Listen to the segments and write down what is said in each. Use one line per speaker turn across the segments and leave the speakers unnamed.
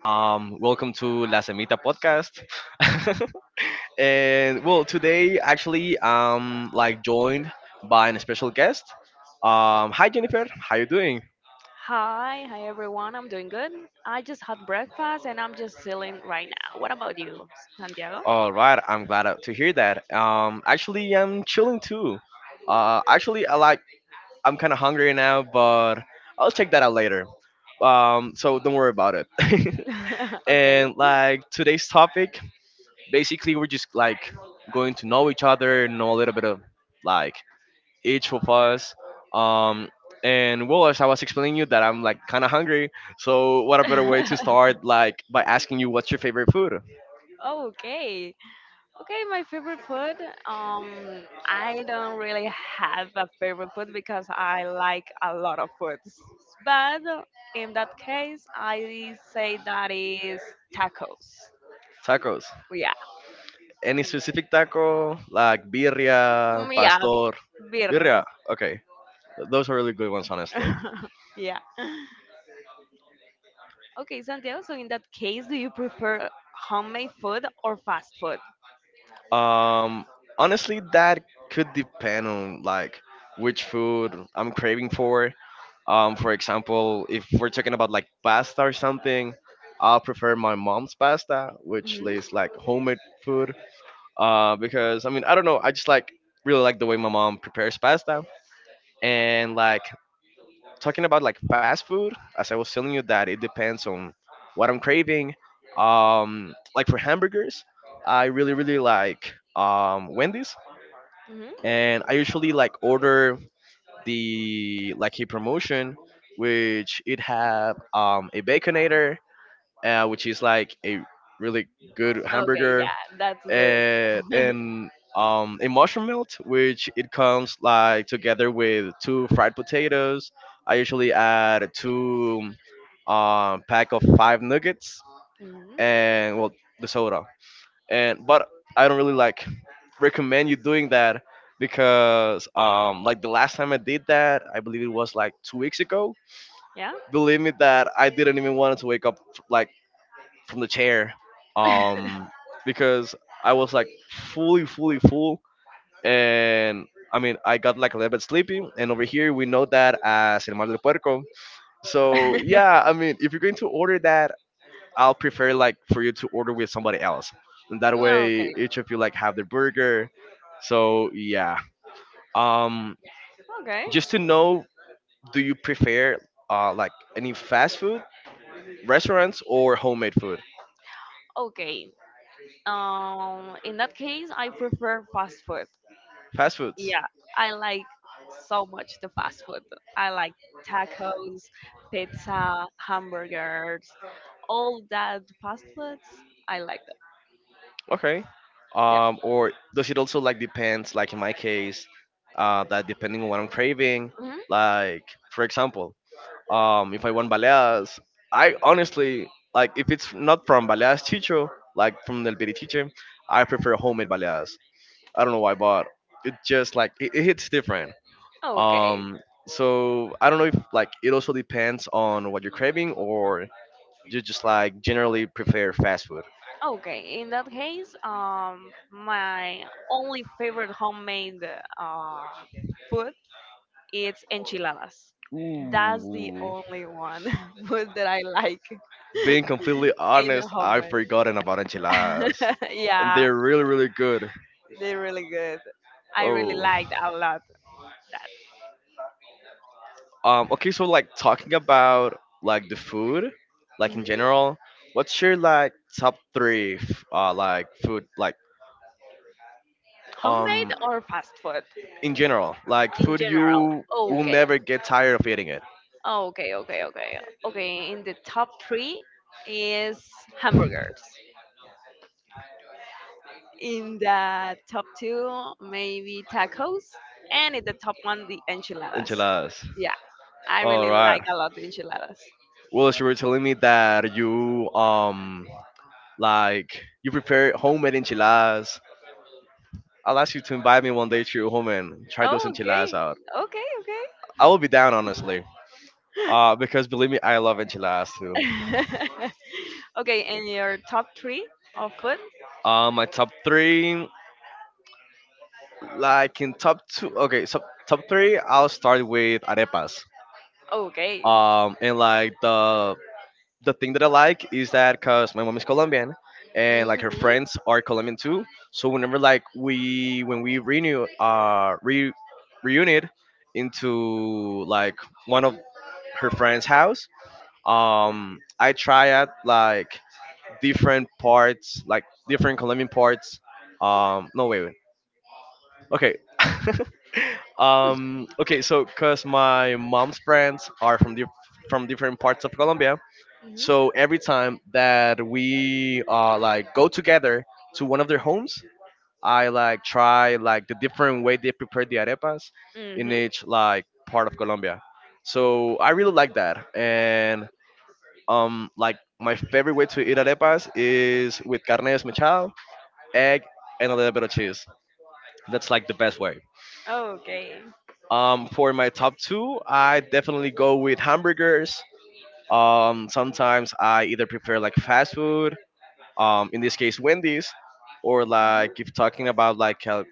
Welcome to La Semita podcast. And well, today actually like joined by a special guest. Hi Jennifer, how you doing?
Hi, hi everyone. I'm doing good. I just had breakfast and I'm just chilling right now. What about you, Santiago?
All right, I'm glad to hear that. Actually, I'm chilling too. Actually, I'm kind of hungry now, but I'll check that out later. So don't worry about it.
Okay.
And like today's topic, basically we're just like going to know each other, know a little bit of like each of us, um and well, as I was explaining you that I'm like kind of hungry. So what a better way to start, like by asking you, what's your favorite food?
Okay. Okay, my favorite food. I don't really have a favorite food because I like a lot of foods. But in that case, I say that is tacos.
Tacos.
Yeah.
Any specific taco, like birria,
Mm, yeah,
pastor?
birria.
Birria, okay. Those are really good ones, honestly.
Yeah. Okay, Santiago, so in that case, do you prefer homemade food or fast food?
Um, honestly, that could depend on like which food I'm craving for. For example, if we're talking about like pasta or something, I'll prefer my mom's pasta, which
Hmm.
is like homemade food. Because I mean, I don't know, I just like really like the way my mom prepares pasta. And like talking about like fast food, as I was telling you, that it depends on what I'm craving. Like for hamburgers, I really really like Wendy's,
Hmm.
and I usually like order the like a promotion, which it have a baconator, which is like a really good
Okay,
hamburger,
yeah, that's good.
and a mushroom melt, which it comes like together with two fried potatoes. I usually add two pack of five nuggets,
Hmm.
and well, the soda. And but I don't really like recommend you doing that, because like the last time I did that, I believe it was like 2 weeks ago.
Yeah?
Believe me that I didn't even want to wake up, like from the chair, um because I was like fully fully full. And I mean, I got like a little bit sleepy, and over here we know that as El Mar del Puerco. So yeah, I mean, if you're going to order that, I'll prefer like for you to order with somebody else, and that way each of you like have the burger. So yeah, um,
Okay.
just to know, do you prefer like any fast food restaurants or homemade food?
Okay. In that case, I prefer fast food.
Fast foods.
Yeah, I like so much the fast food. I like tacos, pizza, hamburgers, all that fast foods. I like them.
Okay.
Yeah.
Or does it also like depends? Like in my case, that depending on what I'm craving.
Mhm.
Like for example, if I want baleas. I honestly, like if it's not from baleas chicho, like from del Tiche, I prefer homemade baleas. I don't know why, but it just like it hits different.
Okay.
Um, so I don't know if like it also depends on what you're craving, or you just like generally prefer fast food.
Okay. In that case, my only favorite homemade uh, food it's enchiladas. That's the
Ooh.
only one food that I like
Being completely
in
honest, I've
homemade.
forgotten about enchiladas, and
Yeah,
they're really really good.
they're really good. I really liked
Oh.
a lot that.
Okay, so like talking about like the food, like in
Mhm.
general, what's your like top three, like food, like
Homemade
um,
or fast food
in general, like
in
food
general?
you will
Okay.
never get tired of eating it?
Okay, okay, okay. Okay, in the top three is hamburgers. In the top two, maybe tacos, and in the top one, the enchiladas.
Enchiladas.
Yeah, I
All
really like
right.
a lot the enchiladas.
Well, you were telling me that you like you prepare homemade enchiladas. I'll ask you to invite me one day to your home and try those
Oh,
enchiladas
okay,
out.
okay,
I will be down, honestly. Because believe me, I love enchiladas too.
okay. Okay, and your top three of food?
My top three. Like in top two, okay, so top three, I'll start with arepas.
Okay.
And like the thing that I like is that cause my mom is Colombian, and like her friends are Colombian too. So whenever like we when we renew re reunite into like one of her friends' house, I try out like different parts, like different Colombian parts. No, wait, wait. Okay. Okay. So, cause my mom's friends are from from different parts of Colombia,
Hmm.
so every time that we like go together to one of their homes, I like try like the different way they prepare the arepas
Hmm.
in
Hmm.
each like part of Colombia. So I really like that, and like my favorite way to eat arepas is with carne desmechada, egg, and a little bit of cheese. That's like the best way.
Okay.
For my top two, I definitely go with hamburgers. Sometimes I either prefer like fast food, in this case Wendy's, or
Mhm.
like if talking about like a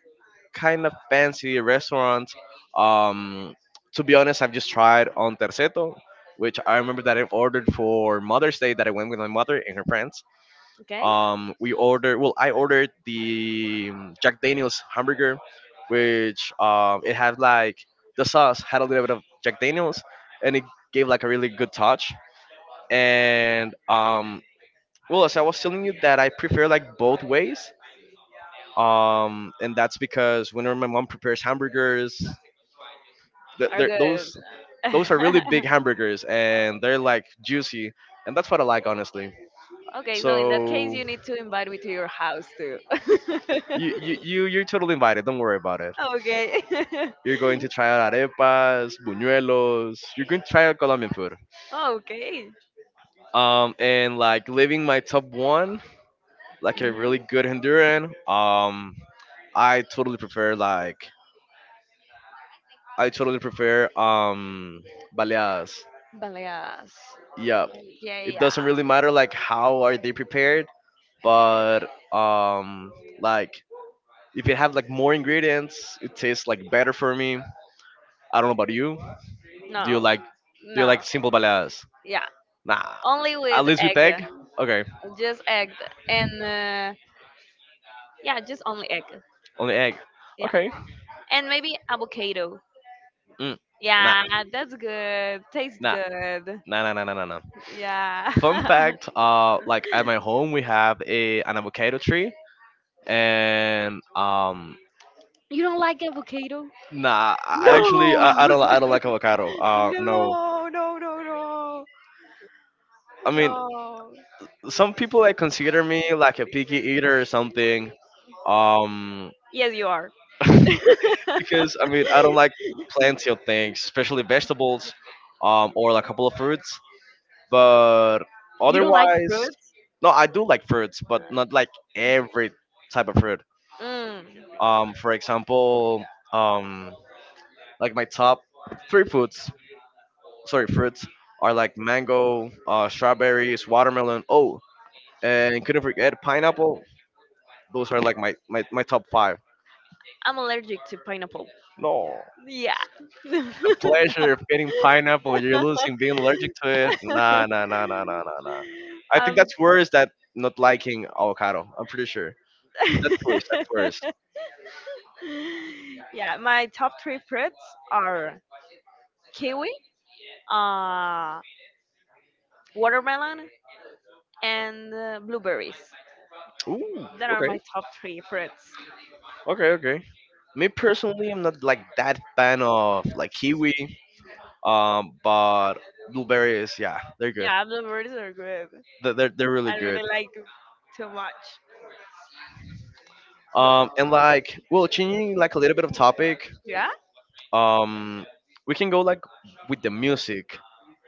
kind of fancy restaurant. Um, to be honest, I've just tried on Terceto, which I remember that I've ordered for Mother's Day, that I went with my mother and her friends.
Okay.
We ordered. Well, I ordered the Jack Daniel's hamburger, which it had like the sauce had a little bit of Jack Daniel's, and it gave like a really good touch. And well, as I was telling you, that I prefer like both ways. And that's because whenever my mom prepares hamburgers, th-
Are
they're- those
good.
those are really big hamburgers, and they're like juicy, and that's what I like, honestly.
Okay, so in that case,
So
you need to invite me to your house too.
you're totally invited, don't worry about it.
Okay.
You're going to try out arepas, buñuelos. You're going to try out Colombian food.
Okay.
And like living my top one, like a
Mhm.
really good Honduran. I totally prefer like I totally prefer baleadas.
Baleas.
Yeah.
Yeah, yeah,
It doesn't really
yeah.
matter like how are they prepared, but um like if it have like more ingredients, it tastes like better for me. I don't know about you. Do you
No,
like do you like
no.
simple baleadas?
Yeah,
Nah.
only
At
with
least with
egg.
egg? Okay.
Just egg. And yeah, just only egg.
Only egg.
Yeah.
Okay.
And maybe avocado.
Mm. Nah.
Yeah, that's good. Tastes
Nah.
good.
Nah, nah, nah, nah, nah, nah.
Yeah.
Fun fact, like at my home we have a an avocado tree, and
You don't like avocado?
nah, I actually
No.
I don't like avocado. No,
No, no, no, no.
I mean,
No.
some people like consider me like a picky eater or something, um,
Yes, you are.
because I mean I don't like plenty of things, especially vegetables, or like a couple of fruits. But
You don't like
otherwise,
fruits?
no, I do like fruits, but not like every type of fruit.
Mm.
For example, um, like my top three foods, sorry, fruits, are like mango, strawberries, watermelon. Oh, and couldn't forget pineapple. Those are like my top five.
I'm allergic to pineapple.
No,
Yeah.
the pleasure of getting pineapple, you're losing being allergic to it. Nah, nah, nah, nah, nah, nah, nah. I
um,
think that's worse than not liking avocado. I'm pretty sure. That's worse. That's worse.
yeah, my top three fruits are kiwi, uh, watermelon, and blueberries.
Ooh.
That are
Okay.
my top three fruits.
Okay. Okay. Me personally, I'm not like that fan of like kiwi. But blueberries, yeah, they're good.
Yeah, blueberries are good.
They're really
I
good.
really like too much.
And like, well, changing like a little bit of topic.
Yeah?
Um, we can go like with the music.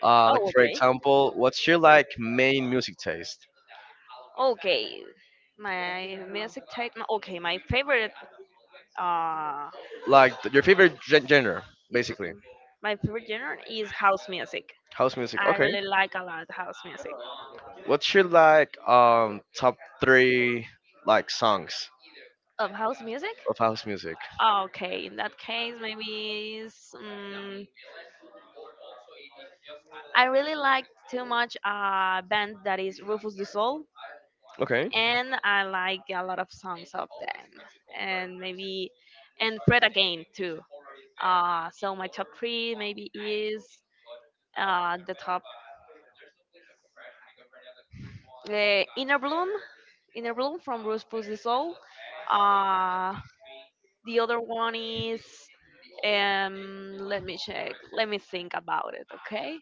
Like
Oh,
for
okay.
example, what's your like main music taste?
Okay. My music type. Okay, my favorite. Uh,
Like your favorite genre, basically.
my favorite genre is house music.
House music.
I
Okay.
really like a lot house music.
What's your like top three like songs?
Of house music?
Of house music.
Okay, in that case, maybe it's, I really like too much a band that is Rufus Du Sol,
Okay.
and I like a lot of songs of them, and maybe and Fred again too. So my top three maybe is the top Inner Bloom, Inner Bloom from Rufus Du Sol. Uh, the other one is Let me check. Let me think about it. Okay.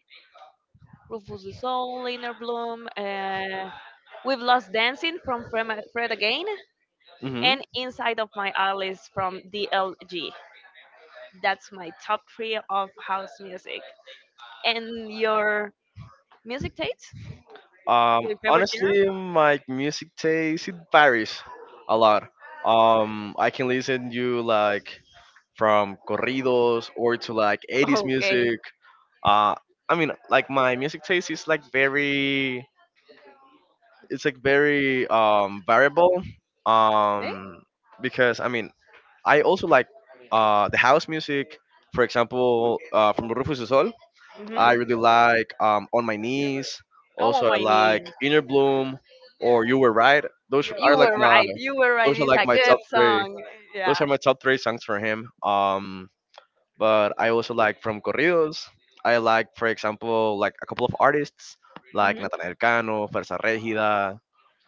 Rufus the Soul, Liner Bloom. We've lost dancing from Fred again,
Hmm.
and inside of my Alice from DLG. That's my top three of house music. And your music taste?
Um,
Your favorite
honestly,
genre?
my music taste it varies a lot. I can listen to like from corridos or to like 80s
Okay.
music. Uh, I mean, like my music taste is like very it's like very variable,
Okay.
um because I mean I also like the house music, for example from Rufus Du Sol.
Hmm.
I really like On My Knees,
Oh, on
also I
my
like
knees.
Inner Bloom, or You Were Right. those
You
are like
were
my
right. You were right.
those are
It's
like
a
my
good
top three,
song. Yeah.
those are my top three songs for him, but I also like from corridos. I like, for example, like a couple of artists like
Hmm.
Natanael Cano, Fuerza Regida,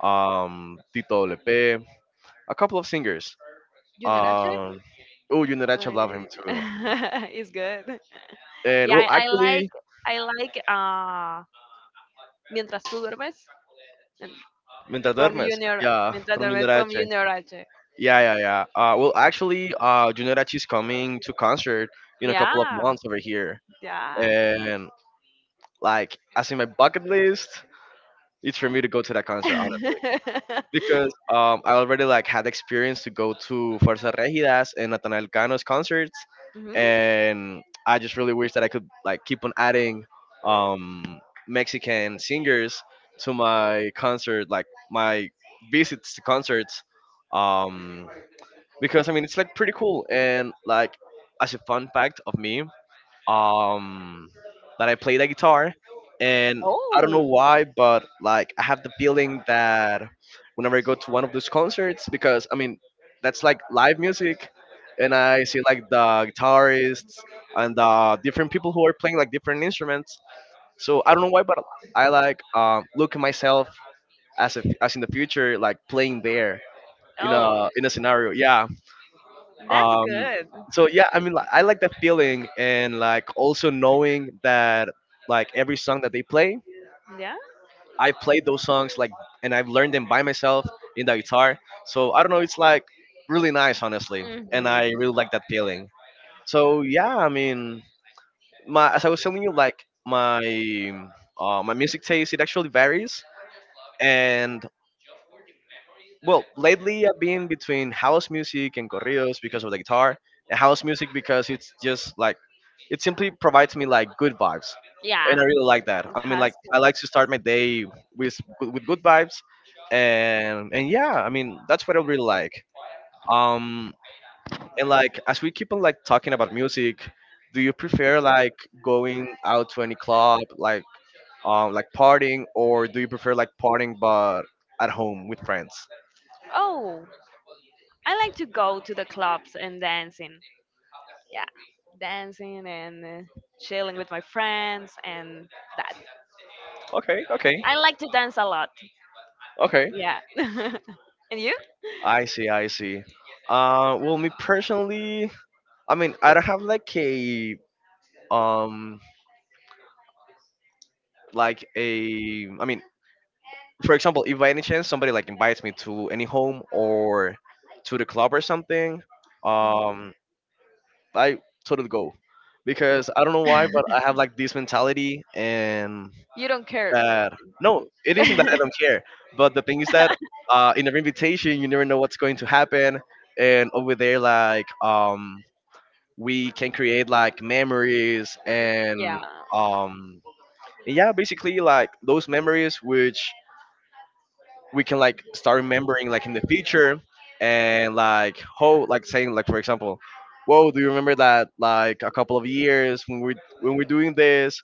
Tito Lepe, a couple of singers.
Junior H.
Um, oh, Yunerache,
Uh,
love him too.
it's good.
And
Yeah,
well,
I, I like
actually,
I like uh mientras tú duermes and
Mientras
from
Duermes,
Junior
yeah,
mientras
from
duermes from
Yunerache.
Junior H.
Yeah, yeah, yeah. Well, actually, Yunerache is coming to concert in a couple of
Yeah,
months over here,
yeah.
and like, as in my bucket list, it's for me to go to that concert, honestly. Because I already like had experience to go to Fuerza Regidas and Nathaniel Cano's concerts,
Mhm.
and I just really wish that I could like keep on adding um, Mexican singers to my concert, like my visits to concerts, um, because I mean it's like pretty cool, and like as a fun fact of me, um, that I play the guitar, and I don't know
Oh.
why, but like I have the feeling that whenever I go to one of those concerts, because I mean, that's like live music, and I see like the guitarists and the different people who are playing like different instruments. So I don't know why, but I like look at myself as if, as in the future, like playing there in
Oh,
a scenario. Yeah,
that's
um
good.
so yeah, I mean, like, I like that feeling, and like also knowing that like every song that they play,
Yeah.
I played those songs, like, and I've learned them by myself in the guitar. So I don't know, it's like really nice honestly, and
Mhm.
I really like that feeling. So yeah, I mean, my, as I was telling you, like my my music taste, it actually varies. And well, lately I've been between house music and corridos because of the guitar, and house music because it's just like it simply provides me like good vibes, and
Yeah.
I really like that.
It
I mean, like
has.
I like to start my day with good vibes, and yeah, I mean that's what I really like. Um, and like as we keep on like talking about music, do you prefer like going out to any club, like partying, or do you prefer like partying but at home with friends?
Oh, I like to go to the clubs and dancing. Yeah, dancing and chilling with my friends and that.
Okay, okay.
I like to dance a lot.
Okay,
Yeah. And you?
I see, I see. Well, me personally, I mean, I don't have um, like a, I mean, for example, if by any chance somebody like invites me to any home or to the club or something,
Mhm.
um, I totally go because I don't know why, but I have like this mentality and
You don't care.
that no, it isn't that I don't care, but the thing is that in an invitation, you never know what's going to happen, and over there, like we can create like memories
Yeah,
um and yeah, basically like those memories, which we can like start remembering like in the future, and like how, like saying, like for example, whoa, do you remember that, like a couple of years when we when we're doing this,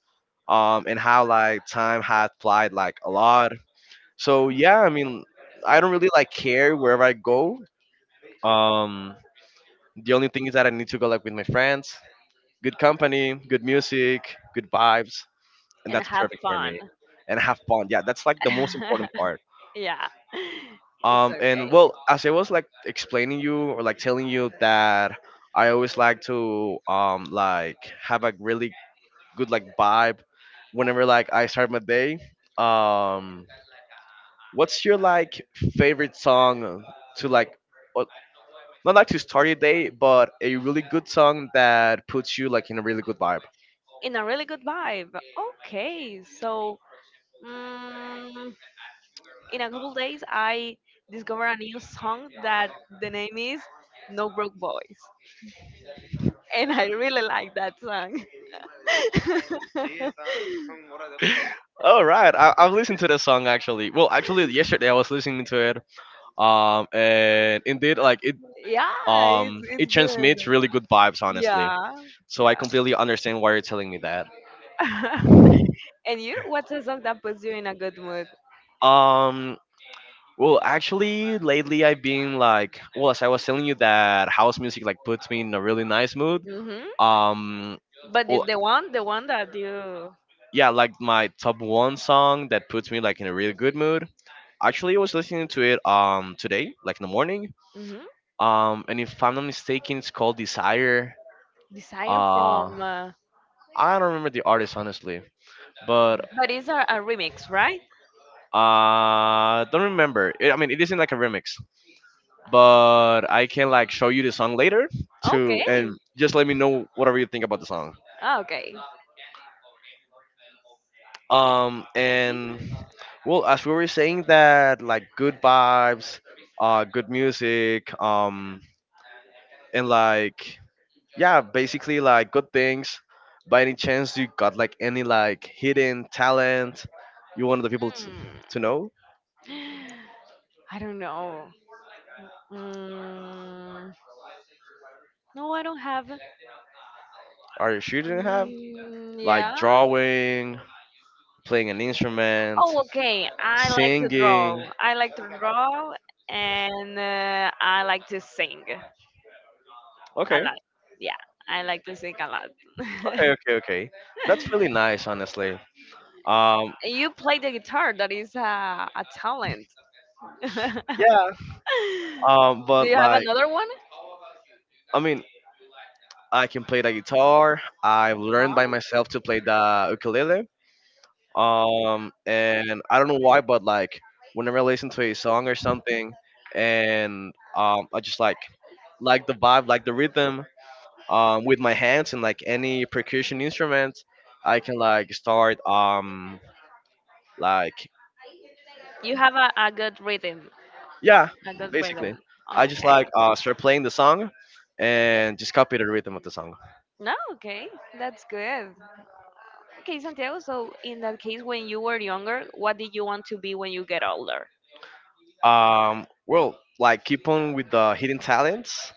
and how like time had flied like a lot. So yeah, I mean I don't really like care wherever I go. um the only thing is that I need to go like with my friends. Good company, good music, good vibes, and
and
that's
have
perfect for
fun.
me. And have fun. Yeah, that's like the most important part.
Yeah. It's okay.
And well, as I was like explaining you or like telling you that I always like to like have a really good like vibe whenever like I start my day. Um, what's your like favorite song to like? or- Not like to start your day, but a really good song that puts you like in a really good vibe.
In a really good vibe. Okay, so mm, in a couple days I discover a new song that the name is No Broke Boys, and I really like that song.
All right, I, I've listened to the song actually. Well, actually, yesterday I was listening to it. And indeed, like it,
Yeah, it's
it
it's good.
transmits really good vibes, honestly.
Yeah,
So I
yeah.
completely understand why you're telling me that.
And you? What's a song that puts you in a good mood?
Um, well, actually, lately I've been like, well, as I was telling you that house music like puts me in a really nice mood.
Hmm.
Um,
But the
well,
the one, the one that you.
yeah, like my top one song that puts me like in a really good mood. Actually, I was listening to it today, like in the morning.
Mm-hmm.
And if I'm not mistaken, it's called Desire.
Desire
Uh,
from. Uh,
I don't remember the artist honestly, but
but it's a remix, right?
don't remember. It, I mean, it isn't like a remix, but I can like show you the song later too, and
Okay.
just let me know whatever you think about the song.
Okay.
And well, as we were saying that, like good vibes, good music, and like yeah, basically like good things. By any chance, you got like any like hidden talent you wanted the people to
Mm.
know,
I don't know. Mm. No, I don't have.
or you shouldn't have,
Mm,
like
yeah.
drawing, playing an instrument,
Oh, okay. I like to draw.
singing.
I like to draw, and I like to sing a
Okay,
lot. Yeah, I like to sing a lot.
okay, okay, okay. That's really nice, honestly. Um,
You play the guitar. That is a talent.
yeah.
Do
But
you have
like,
another one?
I mean, I can play the guitar. I've learned
Huh?
by myself to play the ukulele. And I don't know why, but like whenever I listen to a song or something, and I just like the vibe, like the rhythm, with my hands and like any percussion instrument, I can like start like
You have a good rhythm.
yeah,
A good
basically,
rhythm.
I just like
Okay.
start playing the song and just copy the rhythm of the song.
No, okay, that's good. Okay, Santiago, so in that case, when you were younger, what did you want to be when you get older?
Well, like keep on with the hidden talents.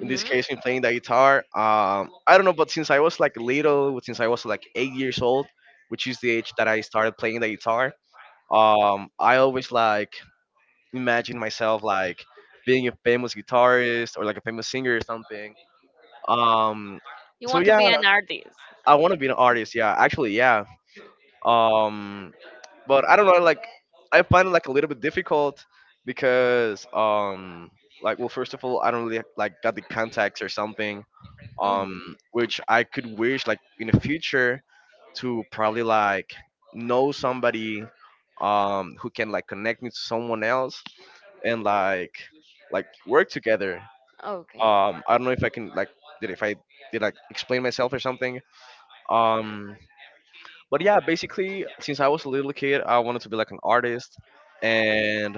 In this case, in playing the guitar. I don't know, but since I was like little, since I was like 8 years old, which is the age that I started playing the guitar, I always like imagine myself like being a famous guitarist or like a famous singer or something. Um,
You
so
want to
yeah,
be an artist.
I want to be an artist. Yeah, actually, yeah. Um, but I don't know. Like I find it like a little bit difficult because like, well, first of all I don't really like got the contacts or something,
Hmm.
um which I could wish like in the future to probably like know somebody, who can like connect me to someone else and like work together.
Okay,
I don't know if I can like did if I did like explain myself or something. um but yeah, basically, since I was a little kid, I wanted to be like an artist, and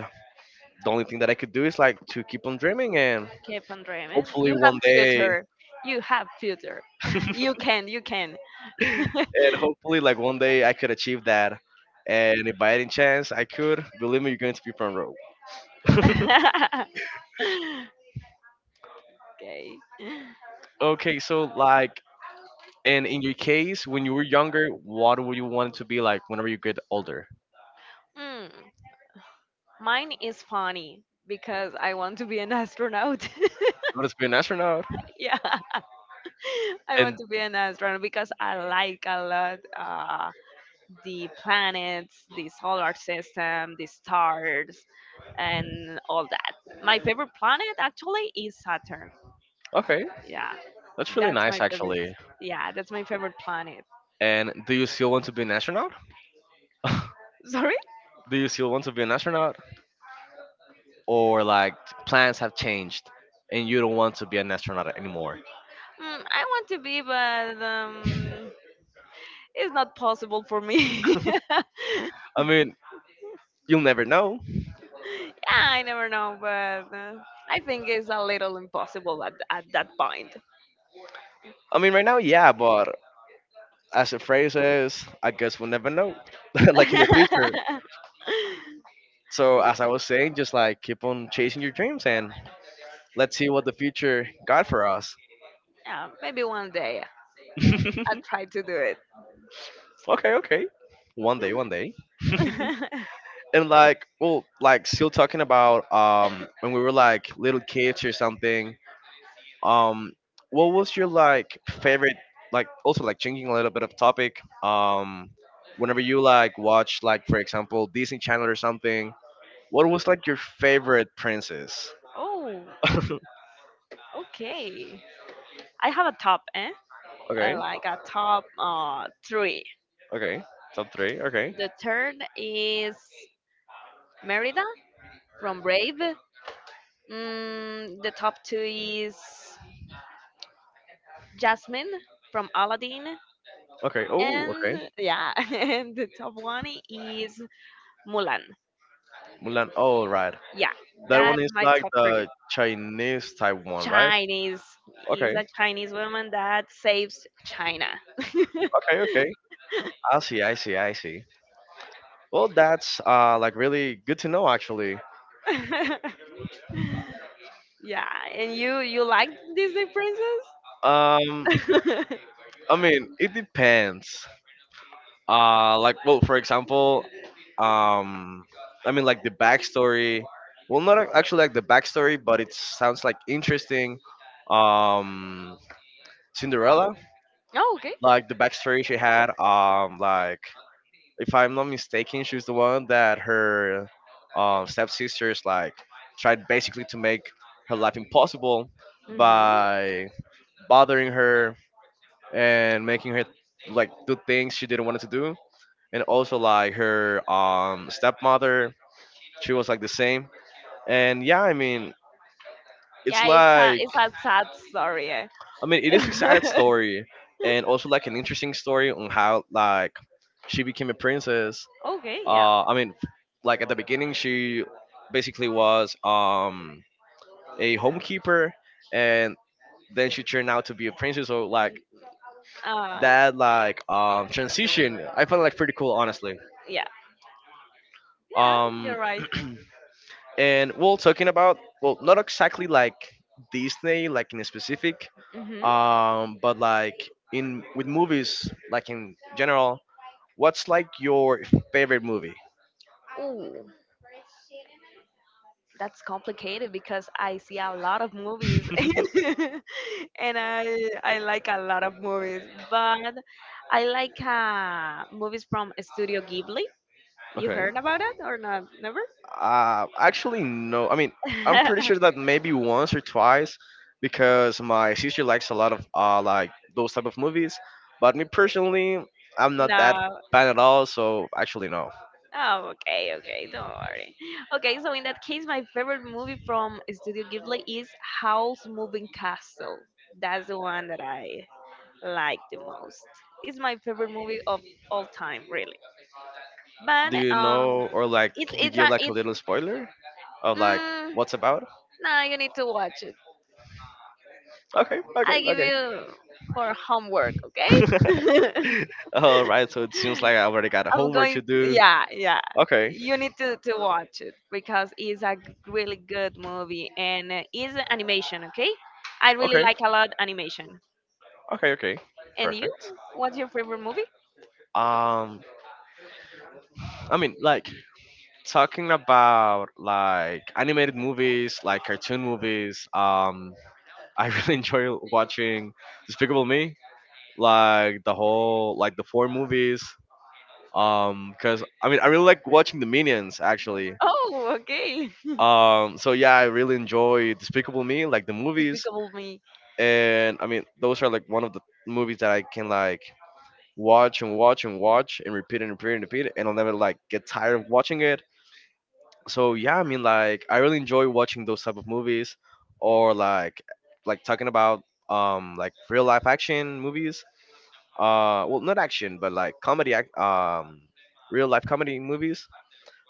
the only thing that I could do is like to keep on dreaming, and
keep on dreaming.
hopefully
You have
one day,
future. You have future. You can, you can.
and hopefully like one day I could achieve that. And if by any chance I could, believe me, you're going to be front row.
Okay.
Okay, so like, and in your case, when you were younger, what would you want to be like whenever you get older?
Mm. Mine is funny because I want to be an astronaut.
You wanted to be an astronaut,
Yeah. I want
and
to be an astronaut because I like a lot the planets, the solar system, the stars, and all that. My favorite planet actually is Saturn.
okay,
Yeah,
that's really
that's my
nice
favorite.
actually.
Yeah, that's my favorite planet.
And do you still want to be an astronaut?
Sorry?
do you still want to be an astronaut, or like plans have changed and you don't want to be an astronaut anymore?
Mm, I want to be, but it's not possible for me.
I mean, you'll never know.
Yeah, I never know, but I think it's a little impossible at that point.
I mean, right now, yeah, but as the phrase is, I guess we'll never know. Like in the future.
Yeah,
So as I was saying, just like keep on chasing your dreams and let's see what the future got for us.
yeah, maybe one day I'll try to do it.
Okay, okay, one day, one day. And like, well, like still talking about when we were like little kids or something, um what was your like favorite, like also like changing a little bit of topic, um whenever you like watch like for example Disney Channel or something, what was like your favorite princess?
Oh, okay. I have a top, eh? Uh,
Okay,
like a top three.
okay, top three, okay.
The third is Merida from Brave. The top two is Jasmine from Aladdin,
Okay, oh okay.
and yeah, and the top one is Mulan.
Mulan, oh right,
Yeah,
that one
that's
is
my
like
top
the
three.
Chinese type one, right?
Chinese is
Okay,
a Chinese woman that saves China.
okay, okay. I see, I see, I see. Well, that's like really good to know actually.
Yeah, and you like Disney princess?
um I mean, it depends. Like, well, for example, um I mean, like the backstory, well not actually like the backstory, but it sounds like interesting. um Cinderella,
Oh, okay.
like the backstory she had, like, if I'm not mistaken, she was the one that her stepsisters like tried basically to make her life impossible
Hmm.
by bothering her and making her like do things she didn't want to do, and also like her stepmother, she was like the same. And yeah, I mean, it's
Yeah, it's a
like,
it's a sad story, eh.
I mean, it is a sad story, and also like an interesting story on how like she became a princess.
Okay, yeah.
I mean, like at the beginning she basically was a homekeeper, and then she turned out to be a princess, so like
Uh,
that like transition I found like pretty cool honestly.
yeah, yeah, you're
um
right.
and well, talking about, well, not exactly like Disney, like in specific,
Hmm.
but like in with movies, like in general, what's like your favorite movie?
Ooh, that's complicated because I see a lot of movies, and I like a lot of movies, but I like movies from Studio Ghibli. You
okay.
heard about it or not? Never?
Actually, no. I mean, I'm pretty sure that maybe once or twice, because my sister likes a lot of like those type of movies. But me personally, I'm not that
No.
fan at all. So actually, no.
Oh, okay, okay, don't worry. Okay, so in that case, my favorite movie from Studio Ghibli is Howl's Moving Castle. That's the one that I like the most. It's my favorite movie of all time, really. But
Do you know or like? Could you
it's
give
a
like a
it's
little spoiler of like
mm,
what's about?
nah, you need to watch it.
Okay,
I give
okay,
you for homework,
okay.
okay?
All right, so it seems like I already got
I'm
homework
going
to
to,
do.
yeah, yeah.
Okay,
You need to watch it because it's a really good movie and it's animation, okay? I really
okay,
like a lot animation.
okay, okay.
And you?
Perfect.
What's your favorite movie?
Um, I mean, like talking about like animated movies, like cartoon movies. I really enjoy watching Despicable Me, like the whole like the four movies. Because I mean, I really like watching the Minions actually.
Oh, okay.
So yeah, I really enjoy Despicable Me, like the movies,
Despicable Me.
and I mean those are like one of the movies that I can like watch and watch and watch and repeat and repeat and repeat, and I'll never like get tired of watching it. So yeah, I mean like I really enjoy watching those type of movies, or like talking about like real life action movies. Well, not action, but like comedy act real life comedy movies.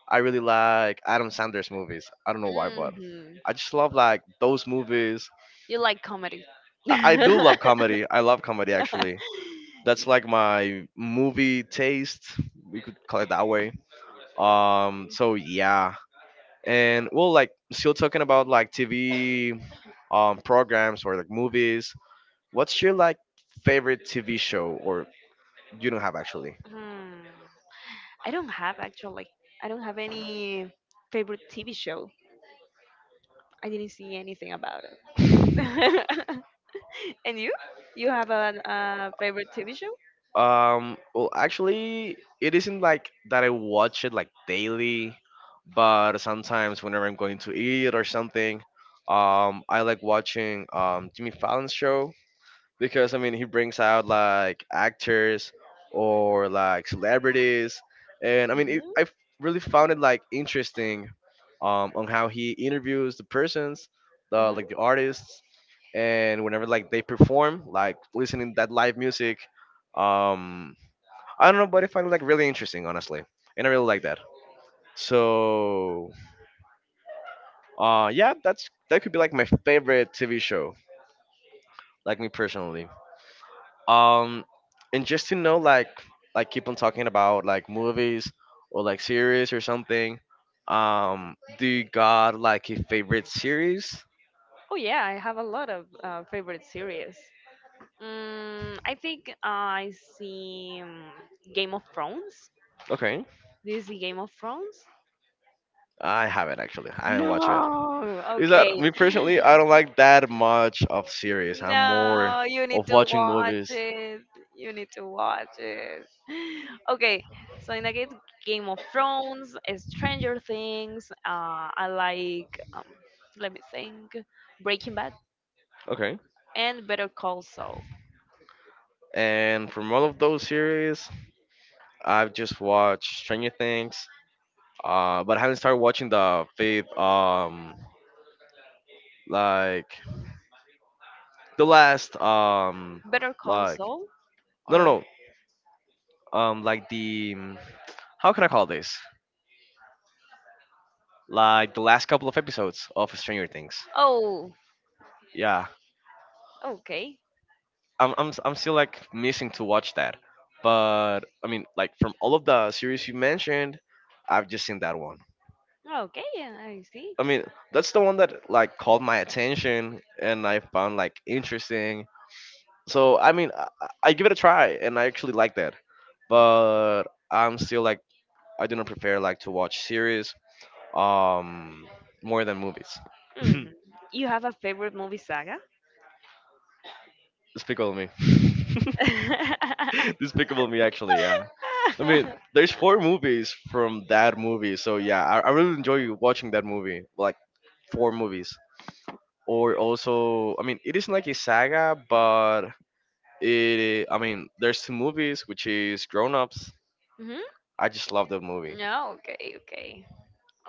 I really like Adam Sandler's movies. I don't know why, but
Hmm.
I just love like those movies.
You like comedy.
I do love comedy. I love comedy actually. That's like my movie taste. We could call it that way. So yeah, and well, like still talking about like TV, programs or like movies. What's your like favorite TV show? Or you don't have actually?
Hmm. I don't have actually. I don't have any favorite TV show. I didn't see anything about it. And you? You have a favorite TV show?
Well, actually, it isn't like that I watch it like daily, but sometimes whenever I'm going to eat or something, I like watching Jimmy Fallon's show because I mean he brings out like actors or like celebrities, and I mean it,
Hmm.
I really found it like interesting, on how he interviews the persons, the
Hmm.
like the artists, and whenever like they perform, like listening that live music. Um, I don't know, but I find it like really interesting, honestly, and I really like that. So, yeah, that could be like my favorite TV show, like me personally. um and just to know, like keep on talking about like movies or like series or something, do you got like a favorite series?
Oh yeah, I have a lot of favorite series. Mm, I think I see Game of Thrones.
Okay,
Do you see Game of Thrones?
I haven't actually, I haven't watched it.
No.
Is that,
Okay.
me personally, I don't like that much of series. I'm more
No, you
of
need to
watching
watch
movies.
it. You need to watch it. Okay, so in the case, Game of Thrones, Stranger Things, I like, let me think, Breaking Bad,
Okay,
and Better Call Saul.
and from all of those series I've just watched Stranger Things, but I haven't started watching the fifth, like the last,
Better Call
like,
Saul?
no, no,
Or,
no, like the, how can I call this, like the last couple of episodes of Stranger Things.
oh,
Yeah,
okay.
I'm still like missing to watch that, but I mean like from all of the series you mentioned, I've just seen that one.
Okay, yeah, I see.
I mean, that's the one that like called my attention and I found like interesting. So I mean, I give it a try and I actually like that, but I'm still like, I do not prefer like to watch series um more than movies.
Hmm. You have a favorite movie saga?
Despicable Me. Despicable Me, actually, yeah. I mean, there's four movies from that movie, so yeah, I really enjoy watching that movie, like four movies. Or also, I mean, it isn't like a saga, but it. I mean, there's two movies, which is Grown Ups.
Hmm.
I just love that movie.
No, okay, okay.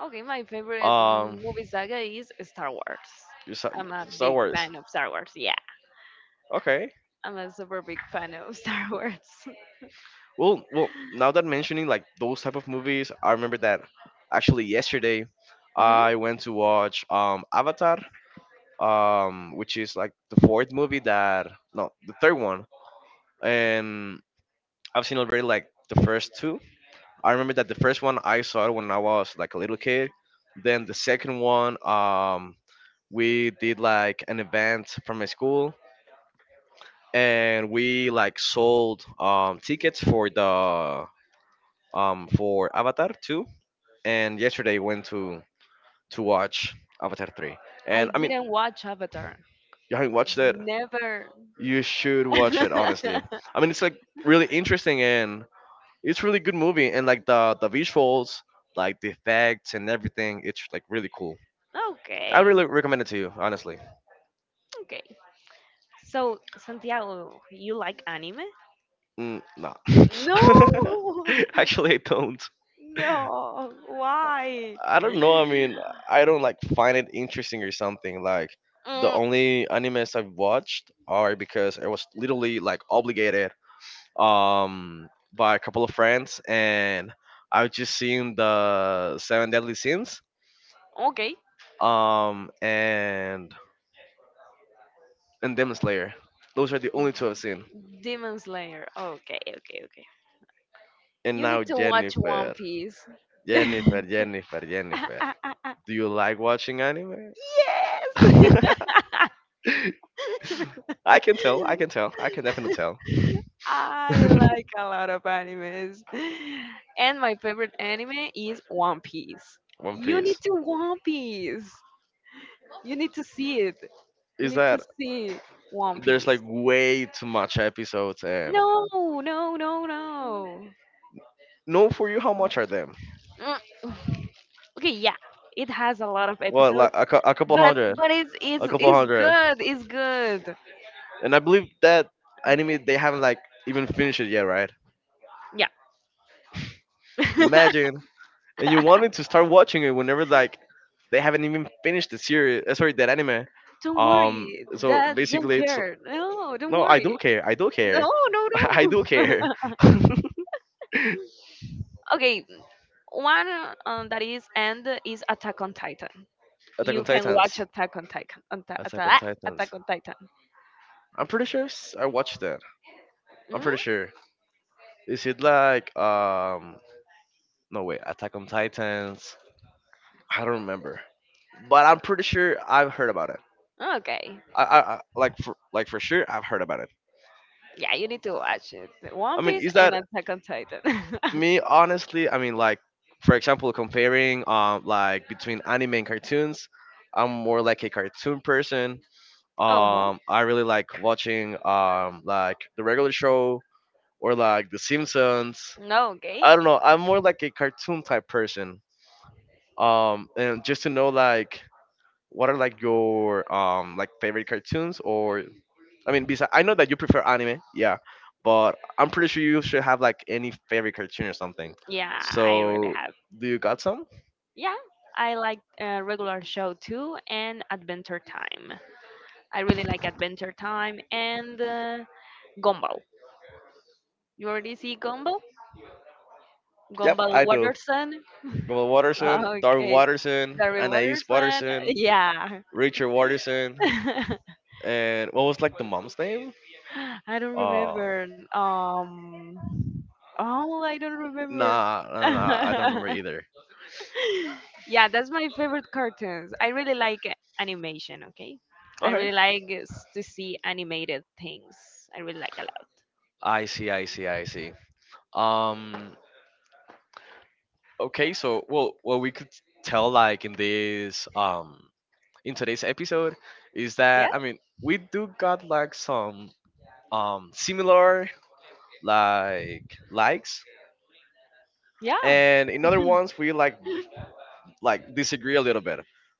Okay, my favorite
Um,
movie saga is Star Wars.
you saw-
I'm a
Star
big
Wars.
fan of Star Wars. Yeah,
Okay.
I'm a super big fan of Star Wars.
Well, now that mentioning like those type of movies, I remember that actually yesterday
Hmm.
I went to watch Avatar, which is like the fourth movie that, no, the third one. And I've seen already like the first two. I remember that the first one I saw it when I was like a little kid. Then the second one, we did like an event from my school and we like sold tickets for the, for Avatar 2, and yesterday went to watch Avatar 3.
I
And I mean,
didn't watch Avatar.
you haven't watched it,
Never.
you should watch it honestly. I mean, it's like really interesting and it's really good movie and like the visuals, like the effects and everything, it's like really cool. I
Okay,
really recommend it to you, honestly.
okay. So, Santiago, you like anime?
Mm, no.
No.
Actually, I don't.
No. Why?
I don't know. I mean, I don't like find it interesting or something. Like the
Mm,
only animes I've watched are because I was literally like obligated, by a couple of friends, and I was just seeing the Seven Deadly Sins,
okay.
and Demon Slayer. Those are the only two I've seen.
Demon Slayer. Okay, okay, okay.
And
You need
now
to watch One
Jennifer,
Piece. Yes!
Jennifer, Jennifer, Jennifer. Do you like watching anime? I can tell. I can tell. I can definitely tell.
I like a lot of animes. And my favorite anime is One Piece.
One
You need
Piece.
to One Piece. You need to see it. You
Is
need to
that
see One
there's like
Piece.
way too much episodes, and
No, no, no, no.
no, for you how much are them?
Mm, okay, yeah. It has a lot of
Well, like
episodes,
a couple
but
hundred,
it's
a
it's
couple
it's
hundred.
good. It's good.
And I believe that anime they haven't like even finished it yet, right?
Yeah.
Imagine, and you wanted to start watching it whenever like they haven't even finished the series. Sorry, that anime.
Don't worry.
So
That don't
basically, it's,
care. No, don't
no, I do
worry.
care. I do care.
No, no,
I do
no.
care.
Okay, one that is end is Attack on Titan.
Attack
You
on
can watch
Titans.
Attack on Titan.
Attack on Titans.
Attack on Titan.
I'm pretty sure s- I watched that. I'm
Mm?
pretty sure. Is it like um? No wait. Attack on Titans. I don't remember, but I'm pretty sure I've heard about it.
Okay.
I like for sure I've heard about it.
Yeah, you need to watch it.
I
One
mean,
Piece
is that,
and Attack on Titan.
me honestly? I mean, like for example, comparing like between anime and cartoons, I'm more like a cartoon person.
Oh,
I really like watching like the regular show or
huh?
like The Simpsons.
No, okay.
I don't know. I'm more like a cartoon type person. And just to know like what are like your like favorite cartoons, or I mean, besides, I know that you prefer anime, yeah, but I'm pretty sure you should have like any favorite cartoon or something.
Yeah, I really
So,
have.
do you got some?
Yeah, I like regular show too and Adventure Time. I really like Adventure Time and Gumball. You already see Gumball?
Yep,
Gumball
I do.
Waterson?
Global Watterson, Darwin
Okay.
Watterson,
The
Anais
Waterson?
Watterson,
Yeah.
Richard Watterson, and what was like the mom's name?
I don't
Uh,
remember. Oh, I don't remember.
nah, nah, nah, nah, I don't remember either.
Yeah, that's my favorite cartoons. I really like animation. Okay, I
Okay.
really like to see animated things. I really like a
I see, I see, I see. Um, okay, so, well, well, we could tell like in this, in today's episode, is
lot.
that I mean we do got like some, similar like likes,
Yeah.
and in other ones we like disagree a little bit,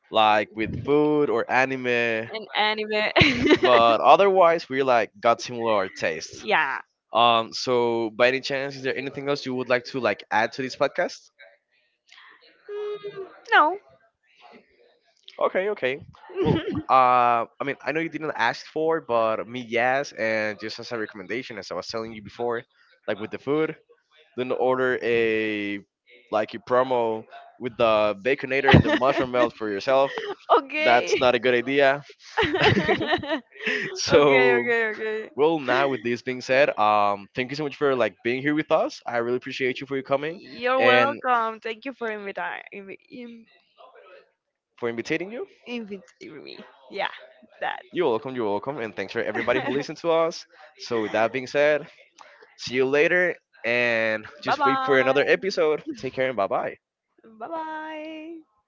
like with food or anime,
An anime.
but otherwise we like got similar tastes.
Yeah.
So by any chance is there anything else you would like to like add to this podcast?
Mm, no.
Okay, okay. Well, I mean, I know you didn't ask for, but me yes, and just as a recommendation, as I was telling you before, like with the food, then order a, like a promo with the baconator and the mushroom melt for yourself.
Okay.
That's not a good idea.
Okay, okay,
so,
okay.
well, now with this being said, thank you so much for like being here with us. I really appreciate you for your coming
You're
and
welcome. Thank you for
for inviting you.
inviting me. Yeah, that.
You're welcome, and thanks for everybody who listened to us. So with that being said, see you later and
Bye
just wait for
bye.
another episode. Take care and bye bye.
Bye bye.